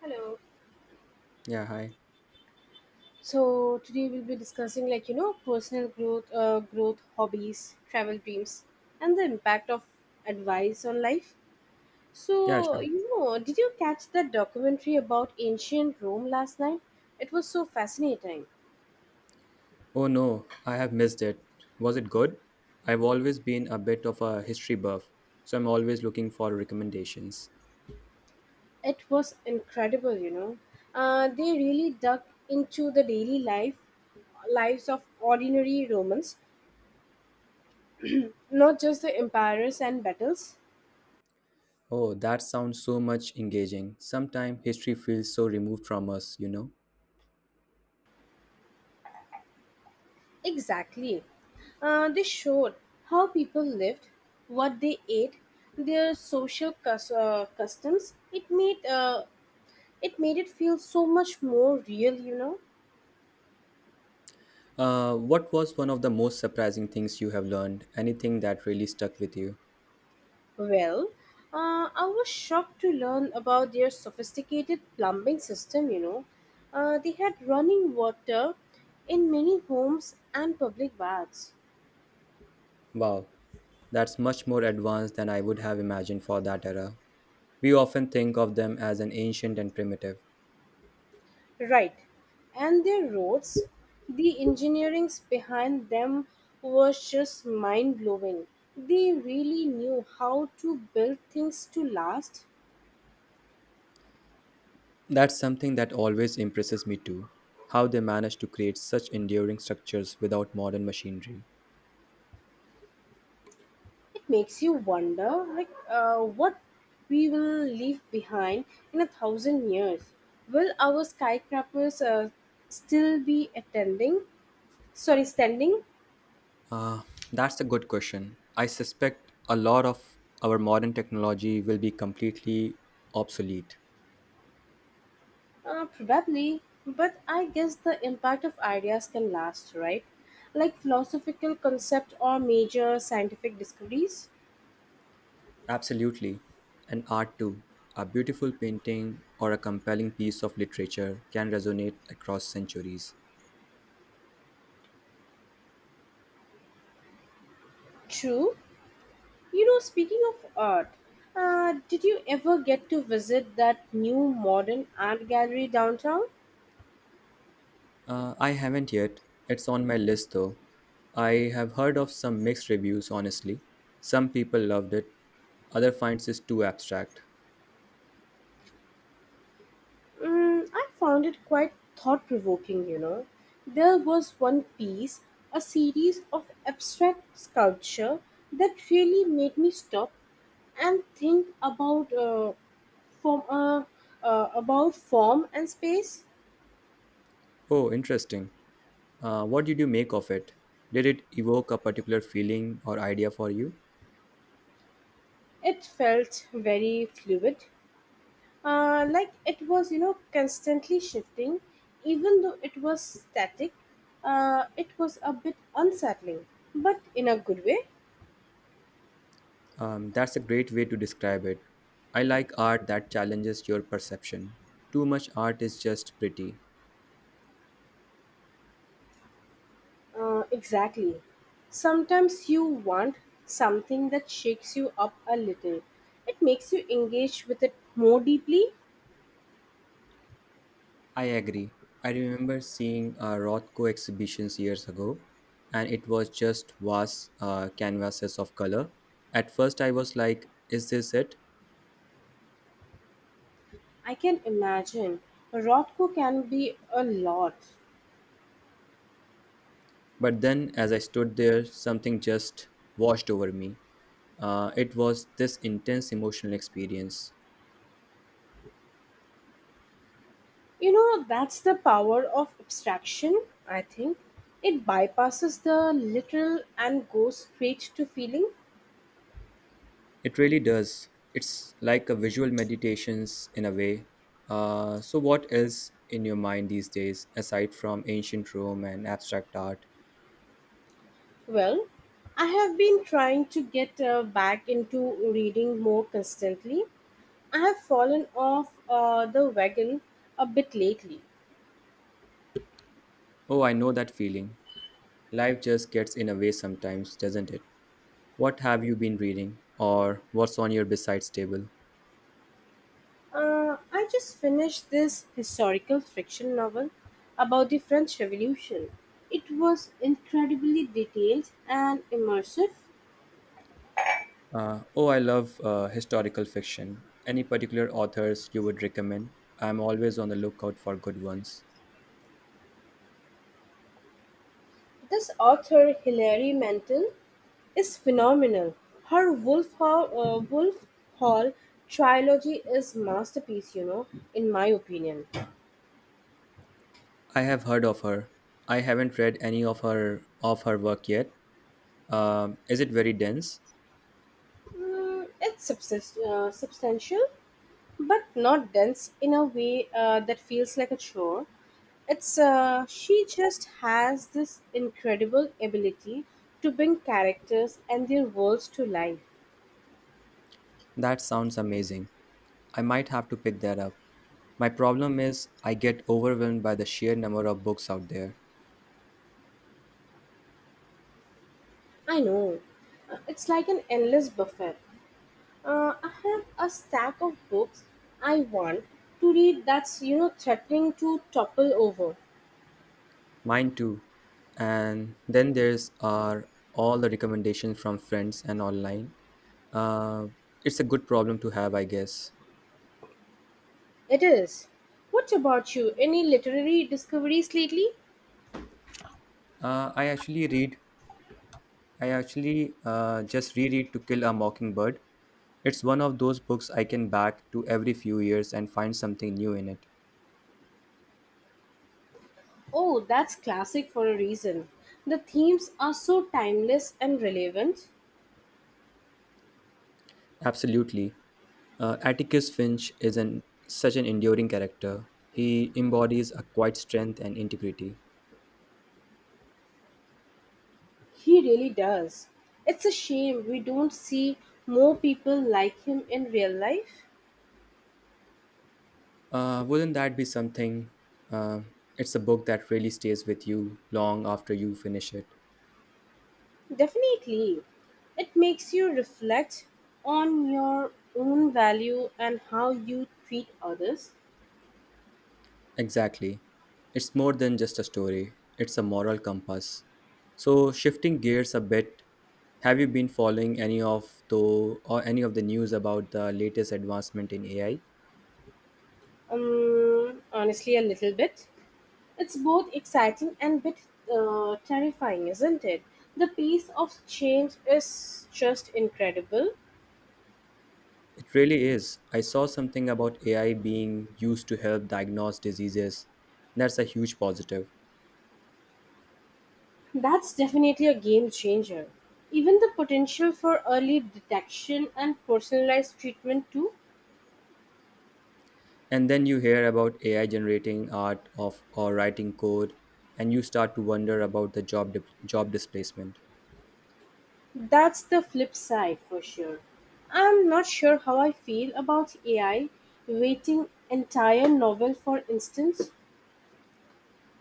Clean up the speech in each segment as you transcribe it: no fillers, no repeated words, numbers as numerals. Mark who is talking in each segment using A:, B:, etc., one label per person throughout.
A: Hello.
B: Yeah, hi.
A: So today we'll be discussing personal growth, growth hobbies, travel dreams, and the impact of advice on life.
B: Yeah, sure.
A: Did you catch that documentary about ancient Rome last night? It was so fascinating.
B: Oh no, I have missed it. Was it good? I've always been a bit of a history buff, so I'm always looking for recommendations.
A: It was incredible. They really dug into the daily lives of ordinary Romans, not just the emperors and battles.
B: Oh, that sounds so much engaging. Sometimes history feels so removed from us, you know.
A: Exactly. They showed how people lived, what they ate, their customs. It made it feel so much more real.
B: What was one of the most surprising things you have learned? Anything that really stuck with you?
A: Well, I was shocked to learn about their sophisticated plumbing system. They had running water in many homes and public baths.
B: Wow, that's much more advanced than I would have imagined for that era. We often think of them as an ancient and primitive.
A: Right. And their roads, the engineerings behind them was just mind blowing. They really knew how to build things to last.
B: That's something that always impresses me too, how they manage to create such enduring structures without modern machinery.
A: It makes you wonder, what we will leave behind in a thousand years. Will our skyscrapers still be attending? Sorry, standing.
B: Uh, that's a good question. I suspect a lot of our modern technology will be completely obsolete.
A: Probably, but I guess the impact of ideas can last, right? Like philosophical concept or major scientific discoveries.
B: Absolutely. And art too. A beautiful painting or a compelling piece of literature can resonate across centuries.
A: True. You know, speaking of art, did you ever get to visit that new modern art gallery downtown?
B: I haven't yet. It's on my list though. I have heard of some mixed reviews, honestly. Some people loved it, other finds it too abstract.
A: Mm, I found it quite thought provoking. There was one piece, a series of abstract sculpture that really made me stop and think about From a about form and space.
B: Oh, interesting. What did you make of it? Did it evoke a particular feeling or idea for you?
A: It felt very fluid, like it was constantly shifting. Even though it was static, it was a bit unsettling, but in a good way.
B: That's a great way to describe it. I like art that challenges your perception. Too much art is just pretty.
A: Exactly. Sometimes you want something that shakes you up a little. It makes you engage with it more deeply.
B: I agree. I remember seeing Rothko exhibitions years ago, and it was just vast canvases of color. At first, I was like, is this it?
A: I can imagine. Rothko can be a lot.
B: But then, as I stood there, something just washed over me. It was this intense emotional experience.
A: You know, that's the power of abstraction, I think. It bypasses the literal and goes straight to feeling.
B: It really does. It's like a visual meditations in a way. So, what is in your mind these days aside from ancient Rome and abstract art?
A: Well, I have been trying to get back into reading more constantly. I have fallen off the wagon a bit lately.
B: Oh, I know that feeling. Life just gets in a way sometimes, doesn't it? What have you been reading, or what's on your besides table?
A: I just finished this historical fiction novel about the French Revolution. It was incredibly detailed and immersive.
B: Oh, I love historical fiction. Any particular authors you would recommend? I'm always on the lookout for good ones.
A: This author Hilary Mantel is phenomenal. Her Wolf Hall trilogy is masterpiece, in my opinion.
B: I have heard of her. I haven't read any of her work yet. Is it very dense?
A: Substantial, but not dense in a way that feels like a chore. It's She just has this incredible ability to bring characters and their worlds to life.
B: That sounds amazing. I might have to pick that up. My problem is I get overwhelmed by the sheer number of books out there.
A: I know, it's like an endless buffet. I have a stack of books I want to read that's threatening to topple over.
B: Mine too. And then there's are all the recommendations from friends and online. Uh, it's a good problem to have, I guess.
A: It is. What about you? Any literary discoveries lately?
B: I actually read. I actually just reread To Kill a Mockingbird. It's one of those books I can back to every few years and find something new in it.
A: Oh, that's classic for a reason. The themes are so timeless and relevant.
B: Absolutely. Atticus Finch is an such an enduring character. He embodies a quiet strength and integrity.
A: He really does. It's a shame we don't see more people like him in real life.
B: Wouldn't that be something? Uh, it's a book that really stays with you long after you finish it.
A: Definitely. It makes you reflect on your own value and how you treat others.
B: Exactly. It's more than just a story, it's a moral compass. So, shifting gears a bit, have you been following any of the news about the latest advancement in AI?
A: Honestly, a little bit. It's both exciting and bit terrifying, isn't it? The pace of change is just incredible.
B: It really is. I saw something about AI being used to help diagnose diseases. That's a huge positive.
A: That's definitely a game changer. Even the potential for early detection and personalized treatment, too.
B: And then you hear about AI generating art of or writing code, and you start to wonder about the job displacement.
A: That's the flip side for sure. I'm not sure how I feel about AI waiting entire novel for instance.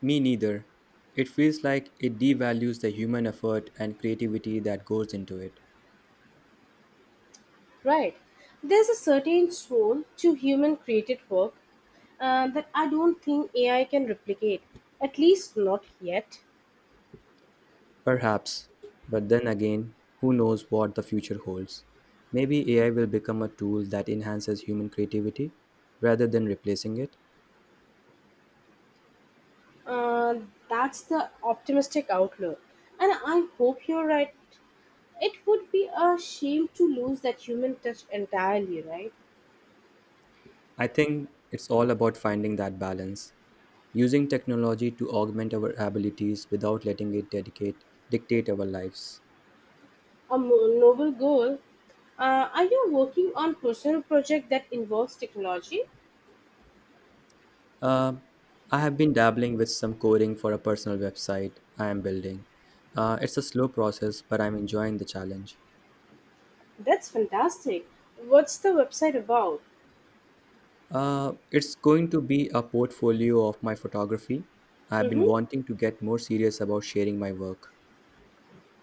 B: Me neither. It feels like it devalues the human effort and creativity that goes into it.
A: Right. There's a certain soul to human created work that I don't think AI can replicate, at least not yet.
B: Perhaps, but then again, who knows what the future holds? Maybe AI will become a tool that enhances human creativity rather than replacing it.
A: Uh, that's the optimistic outlook. And I hope you're right. It would be a shame to lose that human touch entirely, right?
B: I think it's all about finding that balance, using technology to augment our abilities without letting it dedicate dictate our lives.
A: A noble goal. Are you working on personal project that involves technology?
B: Um, I have been dabbling with some coding for a personal website I am building. It's a slow process, but I'm enjoying the challenge.
A: That's fantastic. What's the website about?
B: It's going to be a portfolio of my photography. I've been
A: Mm-hmm.
B: wanting to get more serious about sharing my work.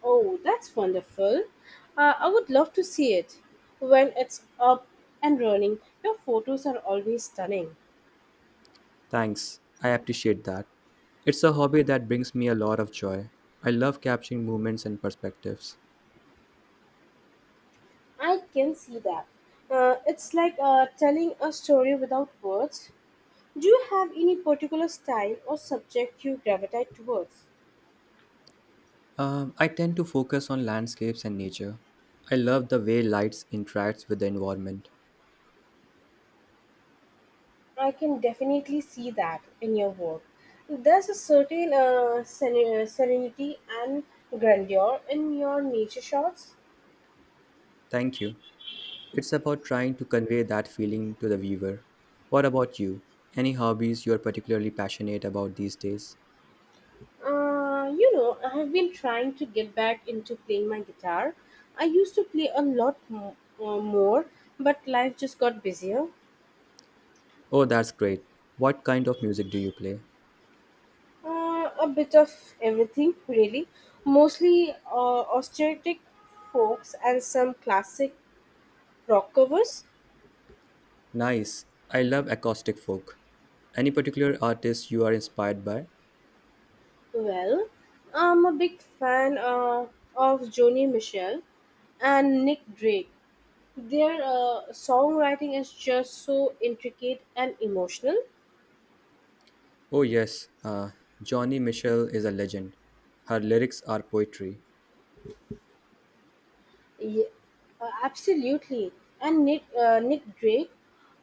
A: Oh, that's wonderful. I would love to see it when it's up and running. Your photos are always stunning.
B: Thanks, I appreciate that. It's a hobby that brings me a lot of joy. I love capturing moments and perspectives.
A: I can see that. It's like telling a story without words. Do you have any particular style or subject you gravitate towards?
B: I tend to focus on landscapes and nature. I love the way lights interacts with the environment.
A: I can definitely see that in your work. There's a certain seren- serenity and grandeur in your nature shots.
B: Thank you. It's about trying to convey that feeling to the viewer. What about you? Any hobbies you're particularly passionate about these days?
A: I have been trying to get back into playing my guitar. I used to play a lot mo- more, but life just got busier.
B: Oh, that's great. What kind of music do you play?
A: A bit of everything, really. Mostly austeritic folks and some classic rock covers.
B: Nice. I love acoustic folk. Any particular artist you are inspired by?
A: Well, I'm a big fan of Joni Mitchell and Nick Drake. Their songwriting is just so intricate and emotional.
B: Oh, yes. Johnny Mitchell is a legend. Her lyrics are poetry.
A: Ye- Absolutely. And Nick Drake,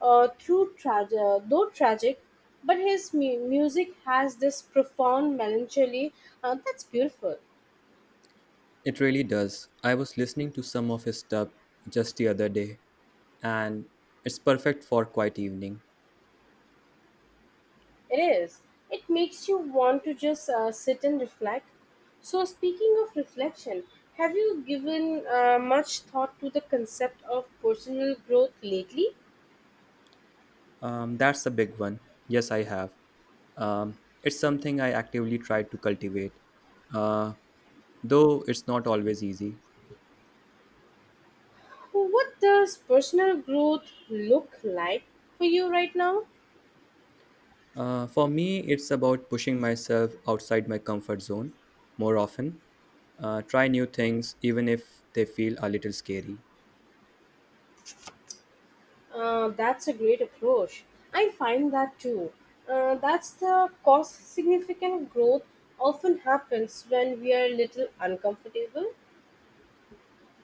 A: though tragic, but his music has this profound melancholy that's beautiful.
B: It really does. I was listening to some of his stuff just the other day, and it's perfect for quiet evening.
A: It is. It makes you want to just sit and reflect. So, speaking of reflection, have you given much thought to the concept of personal growth lately?
B: That's a big one. Yes, I have. It's something I actively try to cultivate, uh, though it's not always easy.
A: So, what does personal growth look like for you right now?
B: For me, it's about pushing myself outside my comfort zone more often, try new things even if they feel a little scary.
A: That's a great approach. I find that too. That's the cost significant growth often happens when we are a little uncomfortable.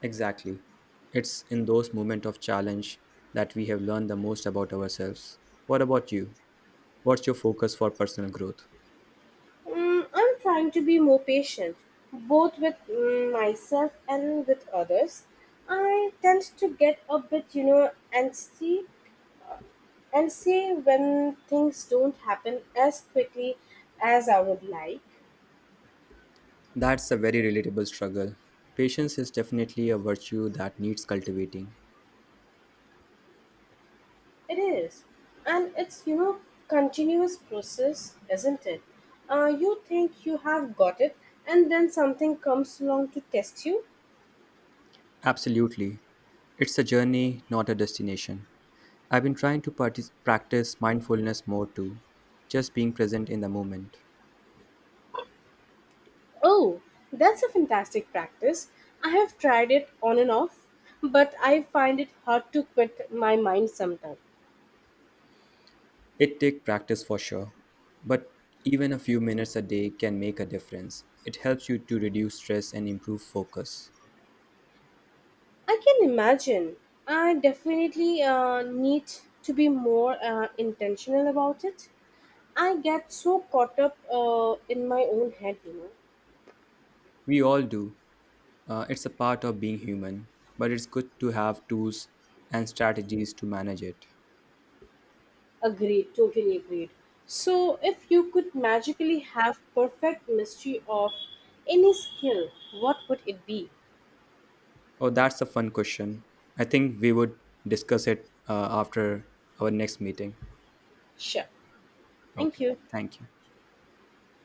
B: Exactly. It's in those moments of challenge that we have learned the most about ourselves. What about you? What's your focus for personal growth?
A: Mm, I'm trying to be more patient, both with myself and with others. I tend to get a bit, antsy and see when things don't happen as quickly as I would like.
B: That's a very relatable struggle. Patience is definitely a virtue that needs cultivating.
A: It is, and it's you know continuous process, isn't it? You think you have got it, and then something comes along to test you.
B: Absolutely. It's a journey, not a destination. I've been trying to practice mindfulness more too, just being present in the moment.
A: Oh, that's a fantastic practice. I have tried it on and off, but I find it hard to quit my mind sometimes.
B: It takes practice for sure, but even a few minutes a day can make a difference. It helps you to reduce stress and improve focus.
A: I can imagine. I definitely need to be more intentional about it. I get so caught up in my own head.
B: We all do. It's a part of being human, but it's good to have tools and strategies to manage it.
A: Agreed, totally agreed. So, if you could magically have perfect mastery of any skill, what would it be?
B: Oh, that's a fun question. I think we would discuss it after our next meeting.
A: Sure. Thank
B: Okay,
A: you.
B: thank you.